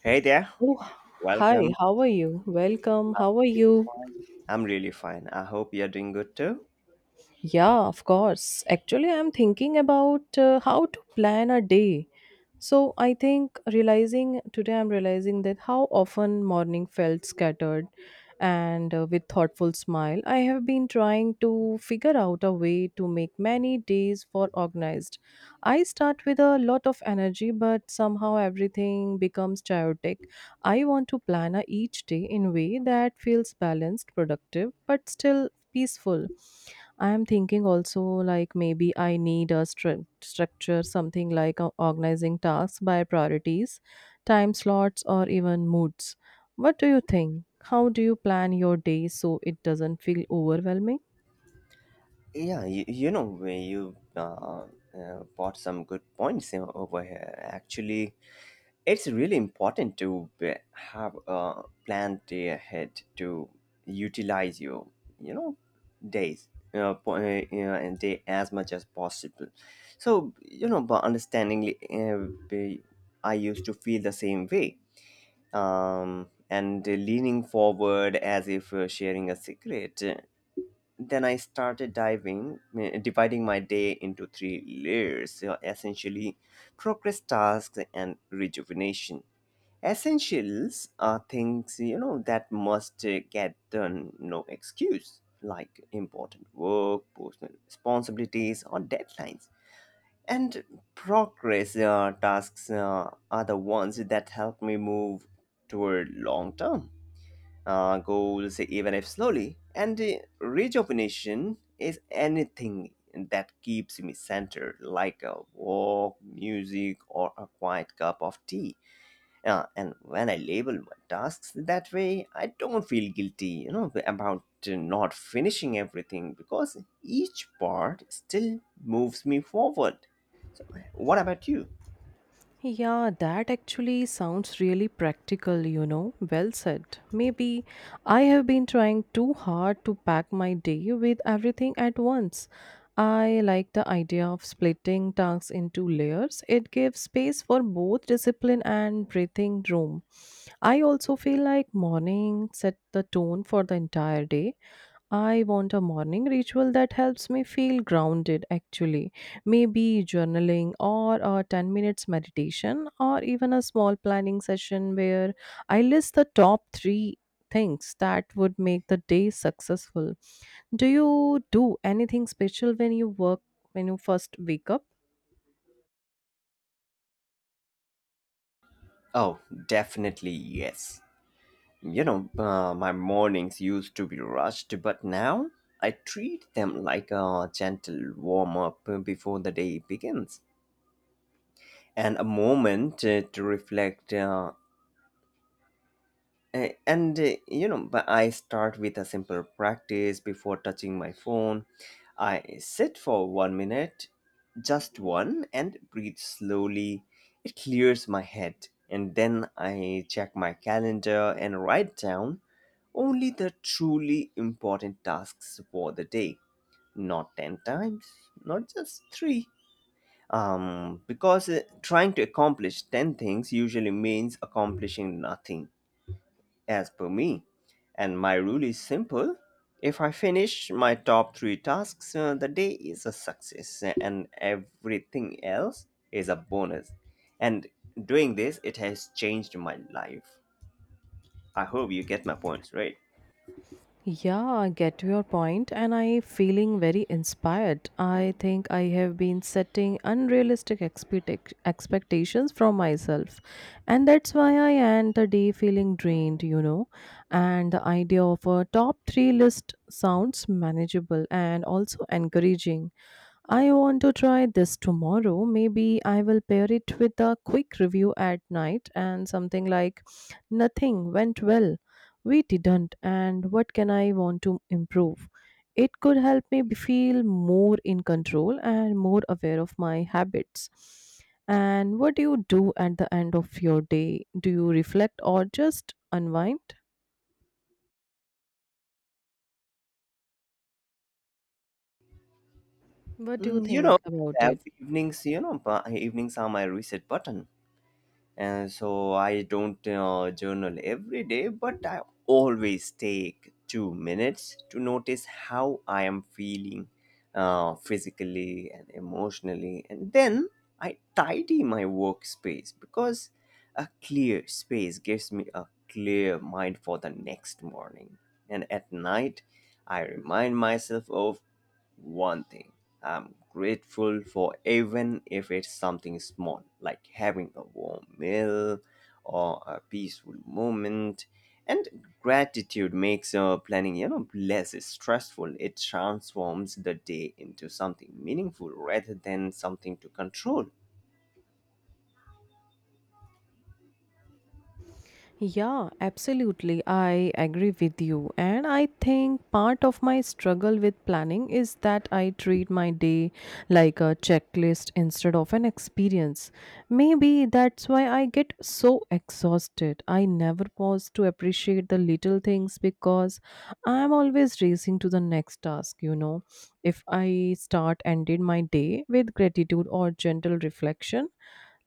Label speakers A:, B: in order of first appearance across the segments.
A: Hey there,
B: Oh, hi,
A: welcome.
B: how are you? Welcome, how are you?
A: I'm really fine. I hope you're doing good too.
B: Yeah, of course. Actually, I'm thinking about how to plan a day. So, I think realizing today, I'm realizing that how often morning felt scattered and with thoughtful smile. I have been trying to figure out a way to make many days for organized. I start with a lot of energy, but somehow everything becomes chaotic. I want to plan a each day in way that feels balanced, productive, but still peaceful. I am thinking also like maybe I need a structure, something like organizing tasks by priorities, time slots, or even moods. What do you think? How do you plan your day so it doesn't feel overwhelming?
A: Yeah, you know, when you brought some good points over here. Actually, it's really important to be, have a plan day ahead to utilize your, you know, days, and day as much as possible. So, you know, but understandingly, uh, be- I used to feel the same way and leaning forward as if sharing a secret. Then I started dividing my day into three layers essentially, progress tasks and rejuvenation. Essentials are things you know that must get done, no excuse, like important work, personal responsibilities, or deadlines and progress tasks are the ones that help me move toward long term goals, even if slowly. And Rejuvenation is anything that keeps me centered, like a walk, music, or a quiet cup of tea, and when I label my tasks that way, I don't feel guilty about not finishing everything because each part still moves me forward. So what about you?
B: Yeah, that actually sounds really practical, you know. Well said. Maybe I have been trying too hard to pack my day with everything at once. I like the idea of splitting tasks into layers. It gives space for both discipline and breathing room. I also feel like morning set the tone for the entire day. I want a morning ritual that helps me feel grounded actually. Maybe journaling or a 10 minutes meditation or even a small planning session where I list the top 3 things that would make the day successful. Do you do anything special when you work when you first wake up?
A: Oh, definitely yes. My mornings used to be rushed, but now I treat them like a gentle warm up before the day begins, and a moment to reflect. A- and you know But I start with a simple practice before touching my phone. I sit for 1 minute, just one, and breathe slowly. It clears my head, and then I check my calendar and write down only the truly important tasks for the day, not 10 times, not just 3. Because Trying to accomplish 10 things usually means accomplishing nothing, as per me. And my rule is simple. If I finish my top 3 tasks, the day is a success and everything else is a bonus. And doing this, it has changed my life. I hope you get my points, right?
B: Yeah, I get your point and I feeling very inspired. I think I have been setting unrealistic expectations from myself, and that's why I end the day feeling drained, you know. And the idea of a top 3 list sounds manageable and also encouraging. I want to try this tomorrow. Maybe I will pair it with a quick review at night and something like nothing went well, we didn't, and what can I want to improve? It could help me feel more in control and more aware of my habits. And what do you do at the end of your day? Do you reflect or just unwind? What do you
A: Mm. You know,
B: think about
A: I have
B: it?
A: evenings, you know, but evenings are my reset button. And so I don't journal every day, but I always take 2 minutes to notice how I am feeling, physically and emotionally, and then I tidy my workspace because a clear space gives me a clear mind for the next morning, and at night. I remind myself of one thing I'm grateful for, even if it's something small, like having a warm meal or a peaceful moment. And gratitude makes planning, you know, less stressful. It transforms the day into something meaningful rather than something to control.
B: Yeah, absolutely. I agree with you. And I think part of my struggle with planning is that I treat my day like a checklist instead of an experience. Maybe that's why I get so exhausted. I never pause to appreciate the little things because I'm always racing to the next task, you know. If I start ended my day with gratitude or gentle reflection,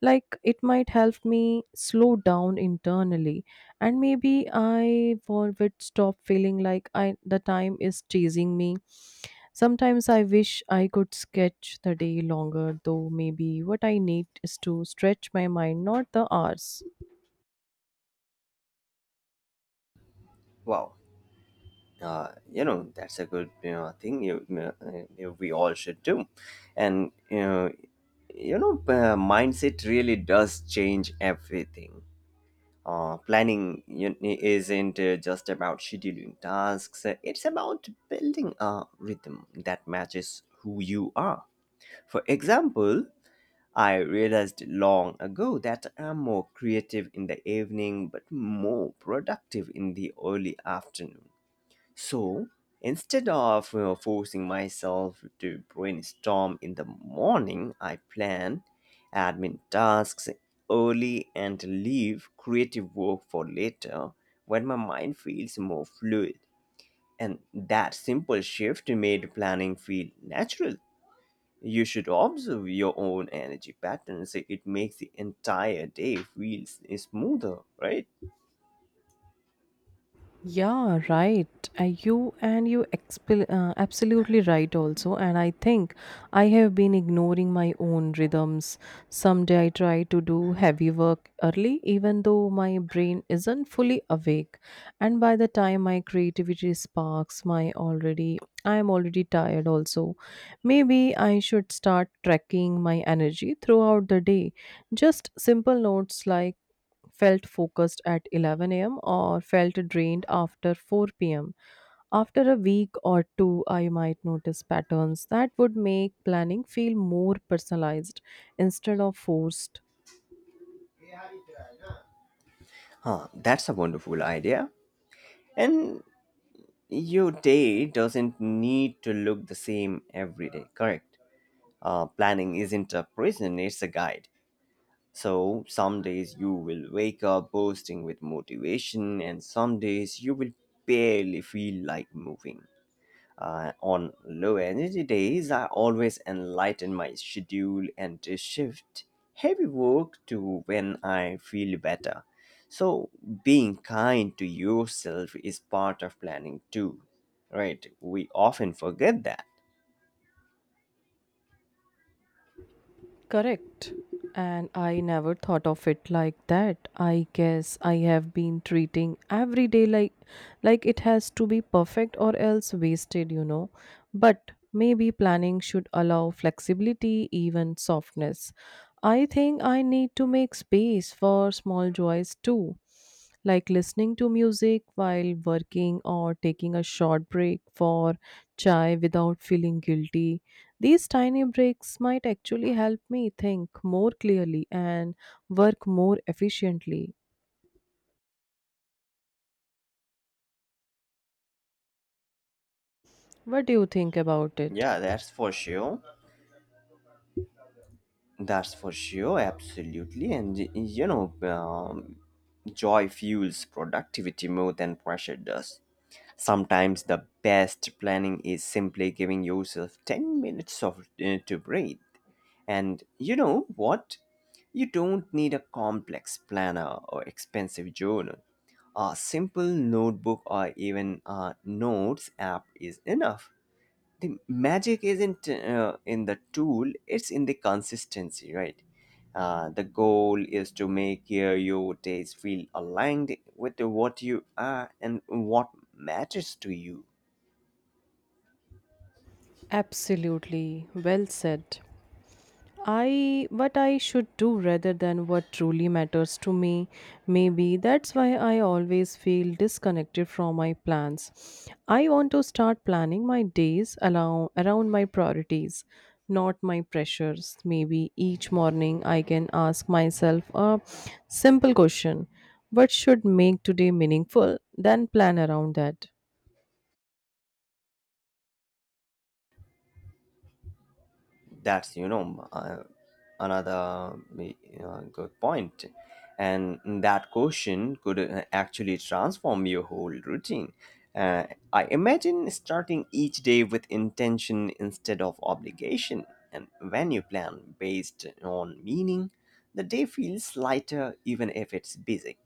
B: like it might help me slow down internally, and maybe I would stop feeling like I the time is chasing me. Sometimes I wish I could sketch the day longer, though maybe what I need is to stretch my mind, not the hours.
A: Wow, you know, that's a good, thing we all should do. And you know, Mindset really does change everything. Planning isn't just about scheduling tasks, it's about building a rhythm that matches who you are. For example, I realized long ago that I'm more creative in the evening but more productive in the early afternoon. So instead of forcing myself to brainstorm in the morning, I plan admin tasks early and leave creative work for later when my mind feels more fluid. And that simple shift made planning feel natural. You should observe your own energy patterns. It makes the entire day feel smoother, right?
B: Yeah, right. You and you expel absolutely right also. And I think I have been ignoring my own rhythms. Someday I try to do heavy work early, even though my brain isn't fully awake. And by the time my creativity sparks, my already I am already tired also. Maybe I should start tracking my energy throughout the day. Just simple notes like felt focused at 11 a.m. or felt drained after 4 p.m. After a week or two, I might notice patterns that would make planning feel more personalized instead of forced.
A: Huh, that's a wonderful idea. And your day doesn't need to look the same every day, correct? Planning isn't a prison, it's a guide. So, some days you will wake up bursting with motivation, and some days you will barely feel like moving. On low energy days, I always enlighten my schedule and to shift heavy work to when I feel better. So, being kind to yourself is part of planning too, right? We often forget that.
B: Correct. And I never thought of it like that. I guess I have been treating every day like it has to be perfect or else wasted, you know. But maybe planning should allow flexibility, even softness. I think I need to make space for small joys too, like listening to music while working or taking a short break for chai without feeling guilty. These tiny breaks might actually help me think more clearly and work more efficiently. What do you think about it?
A: Yeah, that's for sure. That's for sure, absolutely. And y- you know, Joy fuels productivity more than pressure does. Sometimes the best planning is simply giving yourself 10 minutes of to breathe. And you know what? You don't need a complex planner or expensive journal. A simple notebook or even a notes app is enough. The magic isn't in the tool, it's in the consistency, right? The goal is to make your days feel aligned with what you are and what matters to you.
B: Absolutely, well said. I what I should do rather than what truly matters to me. Maybe that's why I always feel disconnected from my plans. I want to start planning my days allow, around my priorities, not my pressures. Maybe each morning I can ask myself a simple question. What should make today meaningful? Then plan around that.
A: That's you know Another good point, and that question could actually transform your whole routine. I imagine starting each day with intention instead of obligation, and when you plan based on meaning, the day feels lighter even if it's busy.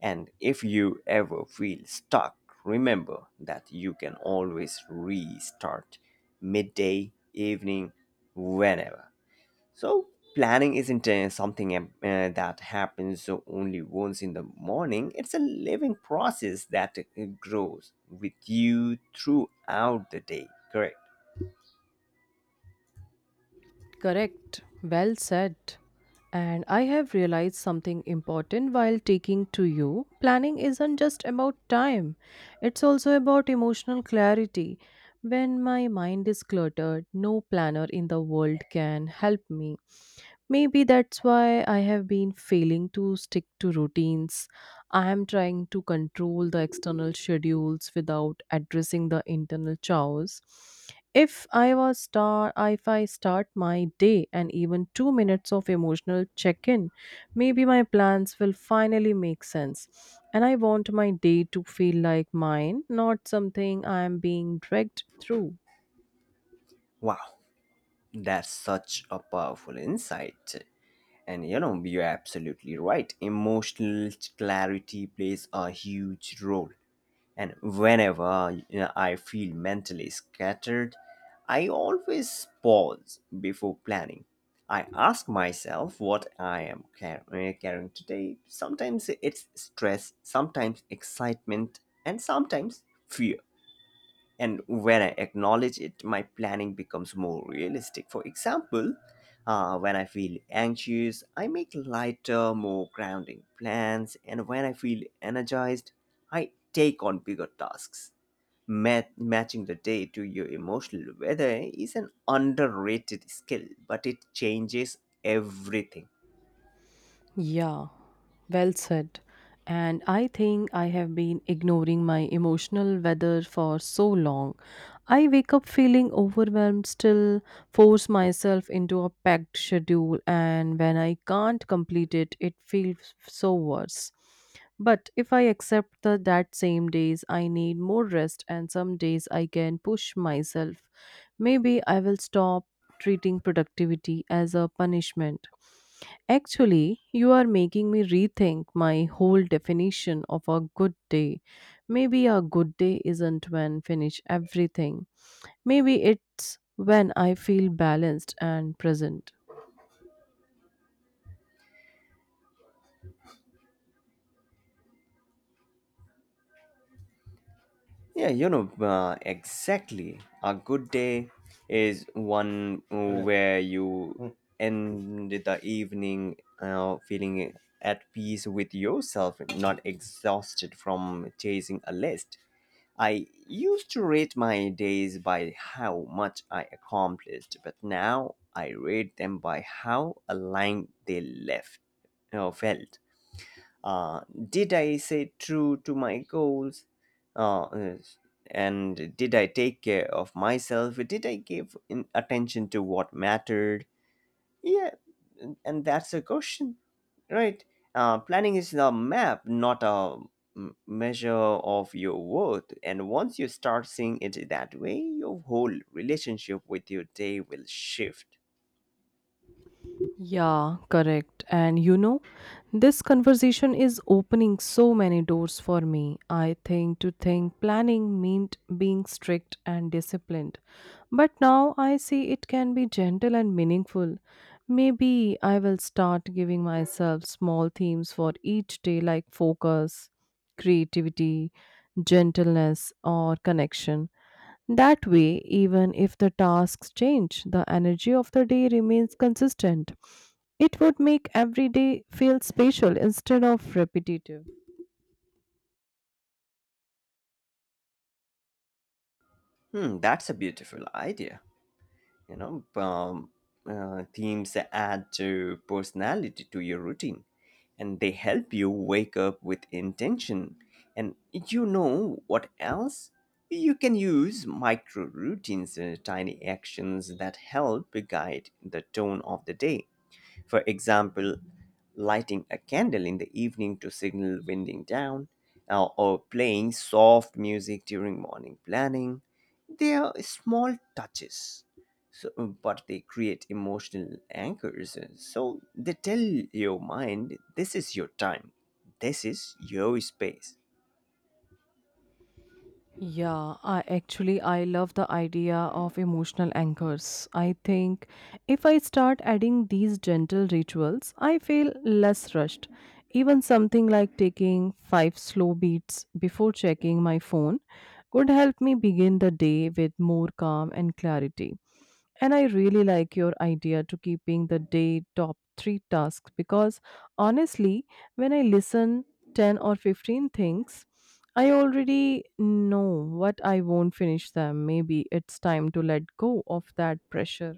A: And if you ever feel stuck, remember that you can always restart midday, evening, whenever. So planning isn't something that happens only once in the morning. It's a living process that grows with you throughout the day. Correct.
B: Correct. Well said. And I have realized something important while taking to you. Planning isn't just about time, it's also about emotional clarity. When my mind is cluttered, no planner in the world can help me. Maybe that's why I have been failing to stick to routines. I am trying to control the external schedules without addressing the internal chores. If I start my day and even 2 minutes of emotional check-in, maybe my plans will finally make sense. And I want my day to feel like mine, not something I am being dragged through.
A: Wow, that's such a powerful insight. And you know, you're absolutely right. Emotional clarity plays a huge role. And whenever you know, I feel mentally scattered, I always pause before planning. I ask myself what I am carrying today. Sometimes it's stress, sometimes excitement, and sometimes fear, and when I acknowledge it, my planning becomes more realistic. For example, when I feel anxious, I make lighter, more grounding plans, and when I feel energized, I take on bigger tasks. Matching the day to your emotional weather is an underrated skill, but it changes everything.
B: Yeah, well said. And I think I have been ignoring my emotional weather for so long. I wake up feeling overwhelmed, still force myself into a packed schedule, and when I can't complete it, it feels so worse. But if I that same days I need more rest, and some days I can push myself, maybe I will stop treating productivity as a punishment. Actually, you are making me rethink my whole definition of a good day. Maybe a good day isn't when finish everything. Maybe it's when I feel balanced and present.
A: Yeah, you know, exactly. A good day is one where you end the evening feeling at peace with yourself, not exhausted from chasing a list. I used to rate my days by how much I accomplished, but now I rate them by how aligned they left, you know, felt. uh, did I say true to my goals, uh, uh, and did I take care of myself, did I give in attention to what mattered? Yeah, and that's a question, right? Planning is a map, not a measure of your worth, and once you start seeing it that way, your whole relationship with your day will shift.
B: Yeah, correct. And you know, this conversation is opening so many doors for me. I think to think planning meant being strict and disciplined. But now I see it can be gentle and meaningful. Maybe I will start giving myself small themes for each day like focus, creativity, gentleness, or connection. That way, even if the tasks change, the energy of the day remains consistent. It would make every day feel special instead of repetitive.
A: Hmm, that's a beautiful idea. you know um, Themes add to personality to your routine, and they help you wake up with intention. And you know what else, you can use micro routines, tiny actions that help guide the tone of the day. For example, lighting a candle in the evening to signal winding down, or playing soft music during morning planning. They are small touches, but they create emotional anchors. So they tell your mind, this is your time, this is your space.
B: Yeah, I actually I love the idea of emotional anchors. I think if I start adding these gentle rituals, I feel less rushed. Even something like taking 5 slow beats before checking my phone could help me begin the day with more calm and clarity. And I really like your idea to keeping the day top three tasks because honestly, when I listen 10 or 15 things, I already know what I won't finish them. Maybe it's time to let go of that pressure.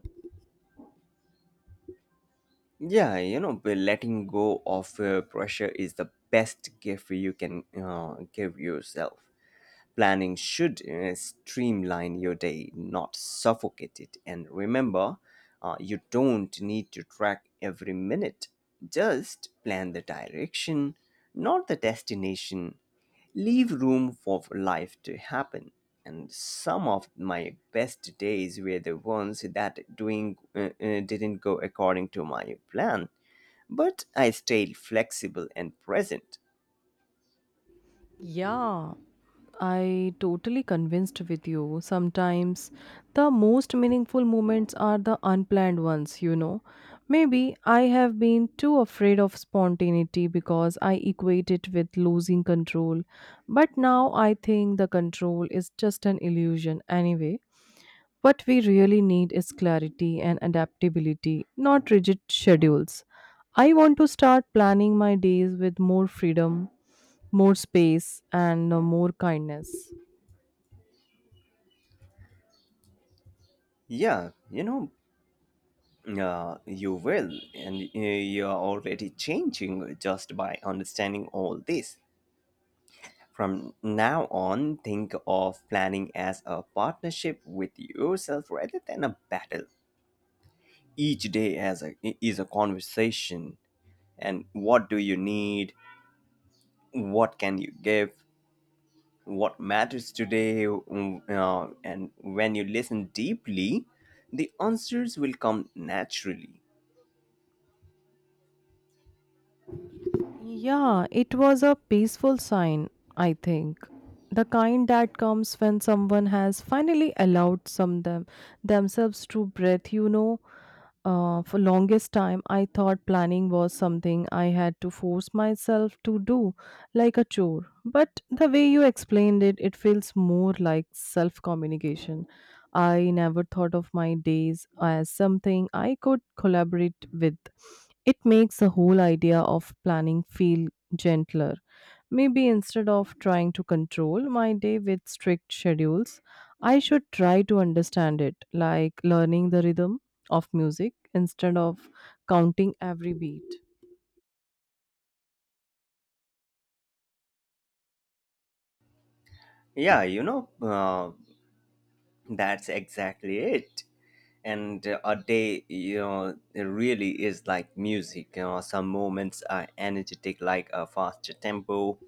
A: Yeah, you know, but letting go of pressure is the best gift you can give yourself. Planning should streamline your day, not suffocate it. And remember, you don't need to track every minute. Just plan the direction, not the destination. Leave room for life to happen. And some of my best days were the ones that doing didn't go according to my plan, but I stayed flexible and present.
B: Yeah, I totally convinced with you. Sometimes the most meaningful moments are the unplanned ones, you know. Maybe I have been too afraid of spontaneity because I equate it with losing control. But now I think the control is just an illusion anyway. What we really need is clarity and adaptability, not rigid schedules. I want to start planning my days with more freedom, more space, and more kindness.
A: Yeah, you know, you will, and you are already changing just by understanding all this. From now on, think of planning as a partnership with yourself rather than a battle. Each day is a conversation, and what do you need? What can you give? What matters today? And when you listen deeply, the answers will come naturally.
B: Yeah, it was a peaceful sign, I think. The kind that comes when someone has finally allowed some them themselves to breathe, you know. For longest time, I thought planning was something I had to force myself to do, like a chore. But the way you explained it, it feels more like self communication. I never thought of my days as something I could collaborate with. It makes the whole idea of planning feel gentler. Maybe instead of trying to control my day with strict schedules, I should try to understand it, like learning the rhythm of music instead of counting every beat.
A: yeah you know uh, That's exactly it. And a day, you know, it really is like music. You know, some moments are energetic, like a faster tempo,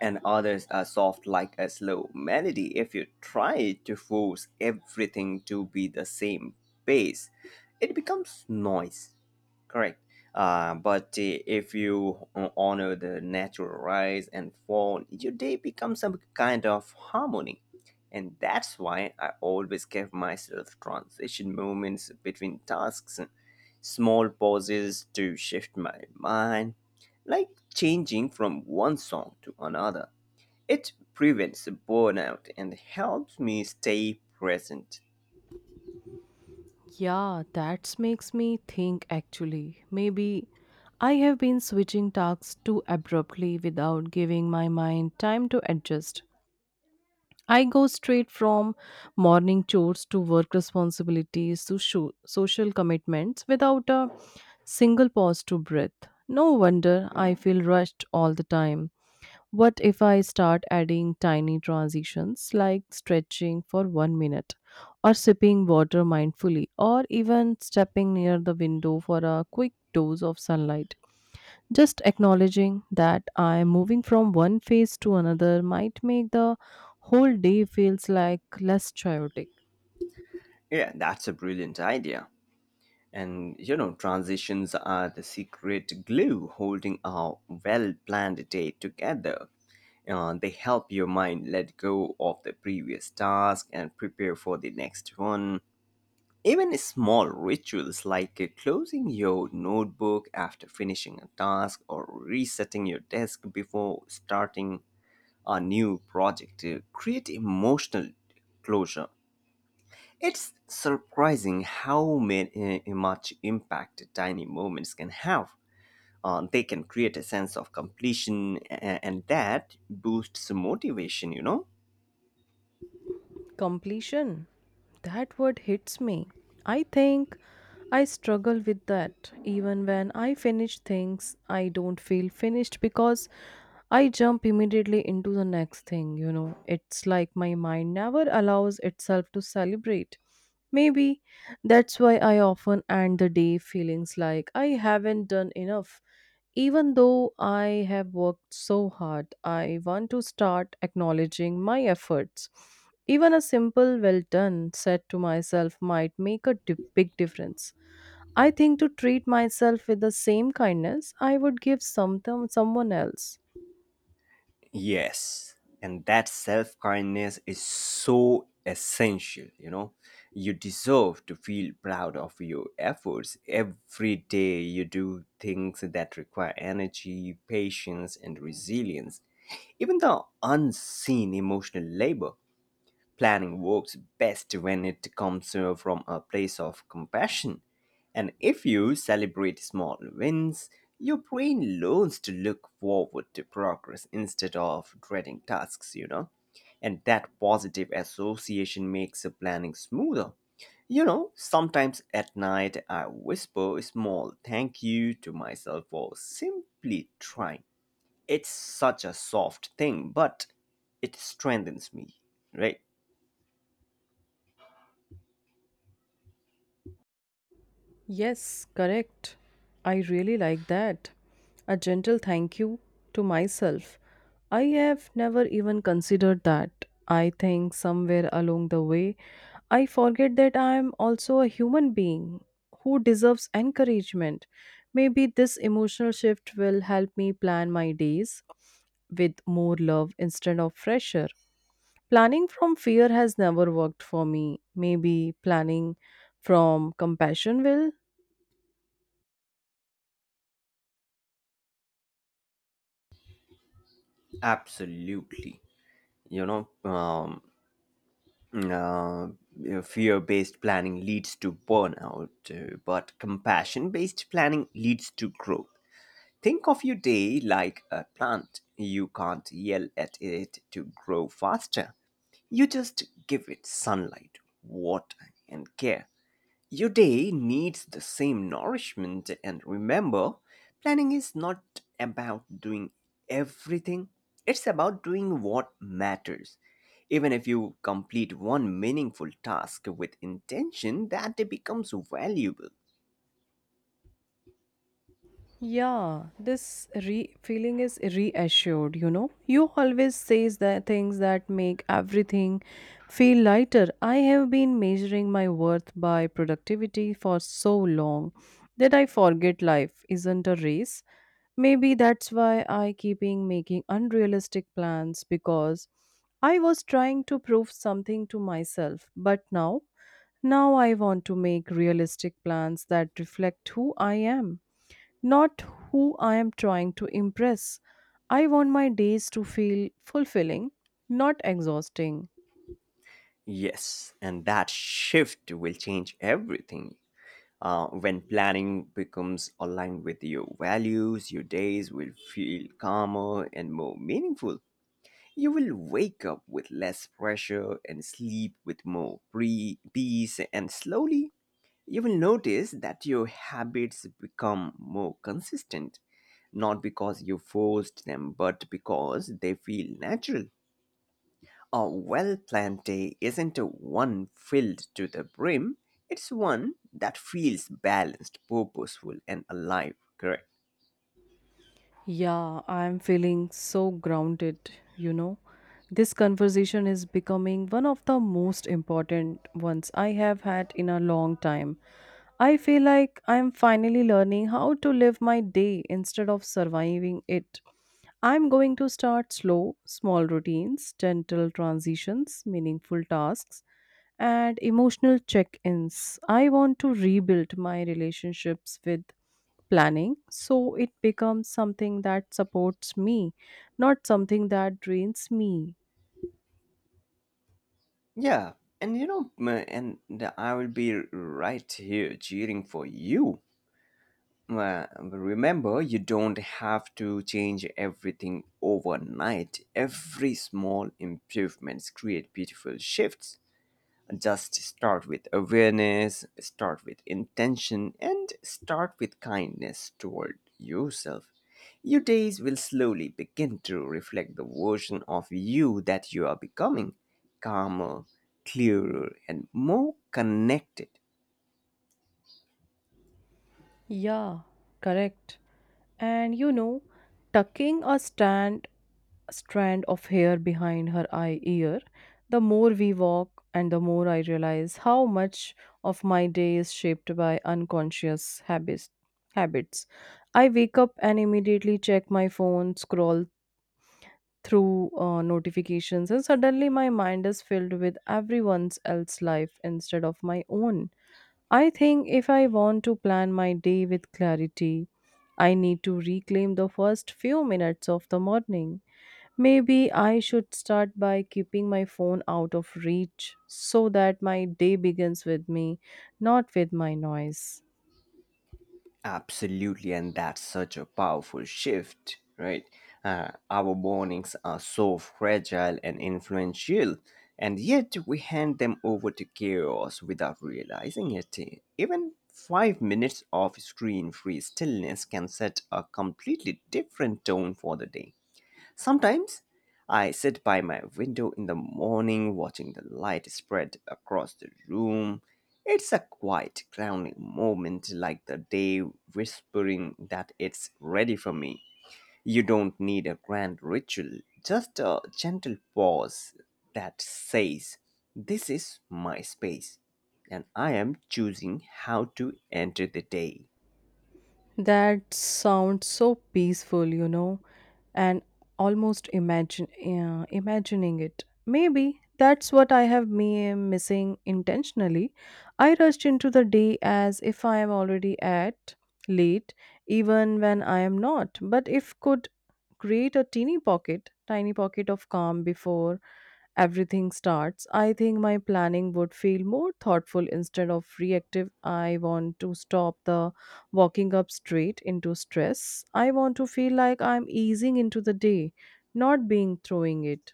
A: and others are soft like a slow melody. If you try to force everything to be the same pace, it becomes noise. Correct. But if you honor the natural rise and fall, your day becomes some kind of harmony. And that's why I always give myself transition moments between tasks, small pauses to shift my mind, like changing from one song to another. It prevents burnout and helps me stay present.
B: Yeah, that makes me think actually. Maybe I have been switching tasks too abruptly without giving my mind time to adjust. I go straight from morning chores to work responsibilities to social commitments without a single pause to breathe. No wonder I feel rushed all the time. What if I start adding tiny transitions like stretching for 1 minute, or sipping water mindfully, or even stepping near the window for a quick dose of sunlight? Just acknowledging that I am moving from one phase to another might make the whole day feels like less chaotic.
A: Yeah, that's a brilliant idea. And you know, transitions are the secret glue holding a well planned day together. They help your mind let go of the previous task and prepare for the next one. Even small rituals like closing your notebook after finishing a task or resetting your desk before starting a new project create emotional closure. It's surprising how many, much impact tiny moments can have. They can create a sense of completion, and that boosts motivation, you know?
B: Completion. That word hits me. I think I struggle with that. Even when I finish things, I don't feel finished because I jump immediately into the next thing, you know. It's like my mind never allows itself to celebrate. Maybe that's why I often end the day feelings like I haven't done enough, even though I have worked so hard. I want to start acknowledging my efforts. Even a simple well done said to myself might make a big difference. I think to treat myself with the same kindness I would give something someone else.
A: Yes, and that self kindness is so essential, you know. You deserve to feel proud of your efforts. Every day you do things that require energy, patience, and resilience, even the unseen emotional labor. Planning works best when it comes from a place of compassion. And if you celebrate small wins, your brain learns to look forward to progress instead of dreading tasks, you know. And that positive association makes the planning smoother. You know, sometimes at night I whisper a small thank you to myself for simply trying. It's such a soft thing, but it strengthens me, right?
B: Yes, correct. I really like that. A gentle thank you to myself. I have never even considered that. I think somewhere along the way, I forget that I am also a human being who deserves encouragement. Maybe this emotional shift will help me plan my days with more love instead of pressure. Planning from fear has never worked for me. Maybe planning from compassion will.
A: Absolutely. You know, um, Fear based planning leads to burnout, but compassion based planning leads to growth. Think of your day like a plant. You can't yell at it to grow faster. You just give it sunlight, water, and care. Your day needs the same nourishment, and remember, planning is not about doing everything, it's about doing what matters. Even if you complete one meaningful task with intention, that day becomes valuable.
B: Yeah, this feeling is reassured, you know. You always says the things that make everything feel lighter. I have been measuring my worth by productivity for so long that I forget life isn't a race. Maybe that's why I keeping making unrealistic plans because I was trying to prove something to myself, but now I want to make realistic plans that reflect who I am, not who I am trying to impress. I want my days to feel fulfilling, not exhausting.
A: Yes, and that shift will change everything. When planning becomes aligned with your values, your days will feel calmer and more meaningful. You will wake up with less pressure and sleep with more peace, and slowly you will notice that your habits become more consistent, not because you forced them, but because they feel natural. A well planned day isn't a one filled to the brim, it's one that feels balanced, purposeful, and alive, correct?
B: Yeah, I am feeling so grounded, you know. This conversation is becoming one of the most important ones I have had in a long time. I feel like I am finally learning how to live my day instead of surviving it. I'm going to start slow, small routines, gentle transitions, meaningful tasks, and emotional check ins. I want to rebuild my relationships with planning so it becomes something that supports me, not something that drains me.
A: Yeah, and you know, m- and I will be right here cheering for you. Well, remember, you don't have to change everything overnight. Every small improvements create beautiful shifts. Just start with awareness, start with intention, and start with kindness toward yourself. Your days will slowly begin to reflect the version of you that you are becoming, calmer, clearer, and more connected.
B: Yeah, correct. And you know, tucking a stand strand of hair behind her eye ear. The more we walk and the more I realize how much of my day is shaped by unconscious habits. I wake up and immediately check my phone, scroll through notifications, and suddenly my mind is filled with everyone else's life instead of my own. I think if I want to plan my day with clarity, I need to reclaim the first few minutes of the morning. Maybe I should start by keeping my phone out of reach so that my day begins with me, not with my noise.
A: Absolutely, and that's such a powerful shift, right? Our mornings are so fragile and influential, and yet we hand them over to chaos without realizing it. Even 5 minutes of screen free stillness can set a completely different tone for the day. Sometimes I sit by my window in the morning watching the light spread across the room. It's a quiet, grounding moment, like the day whispering that it's ready for me. You don't need a grand ritual, just a gentle pause that says, this is my space, and I am choosing how to enter the day.
B: That sounds so peaceful, you know, and almost imagine imagining it. Maybe that's what I have me missing intentionally. I rushed into the day as if I am already at late, even when I am not. But if could create a tiny pocket of calm before everything starts, I think my planning would feel more thoughtful instead of reactive. I want to stop the walking up straight into stress. I want to feel like I'm easing into the day, not being throwing it.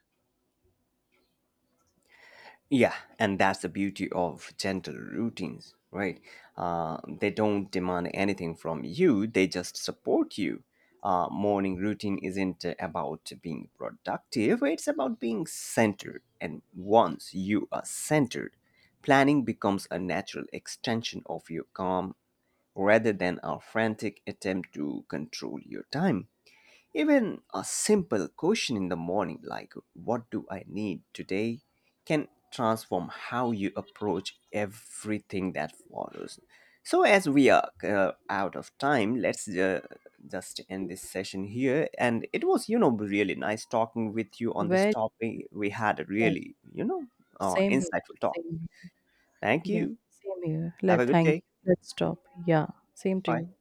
A: Yeah, and that's the beauty of gentle routines, right? They don't demand anything from you, they just support you. Morning routine isn't about being productive, it's about being centered. And once you are centered, planning becomes a natural extension of your calm rather than a frantic attempt to control your time. Even a simple question in the morning, like what do I need today, can transform how you approach everything that follows. So, as we are out of time, let's just end this session here. And it was, you know, really nice talking with you on this
B: Where
A: topic. We had a
B: yeah,
A: really,
B: same here,
A: insightful talk.
B: same here.
A: Thank
B: Yeah,
A: you.
B: same here.
A: Have
B: Let
A: a good
B: thank
A: day.
B: you. Let's stop. Yeah, same to
A: Bye.
B: you.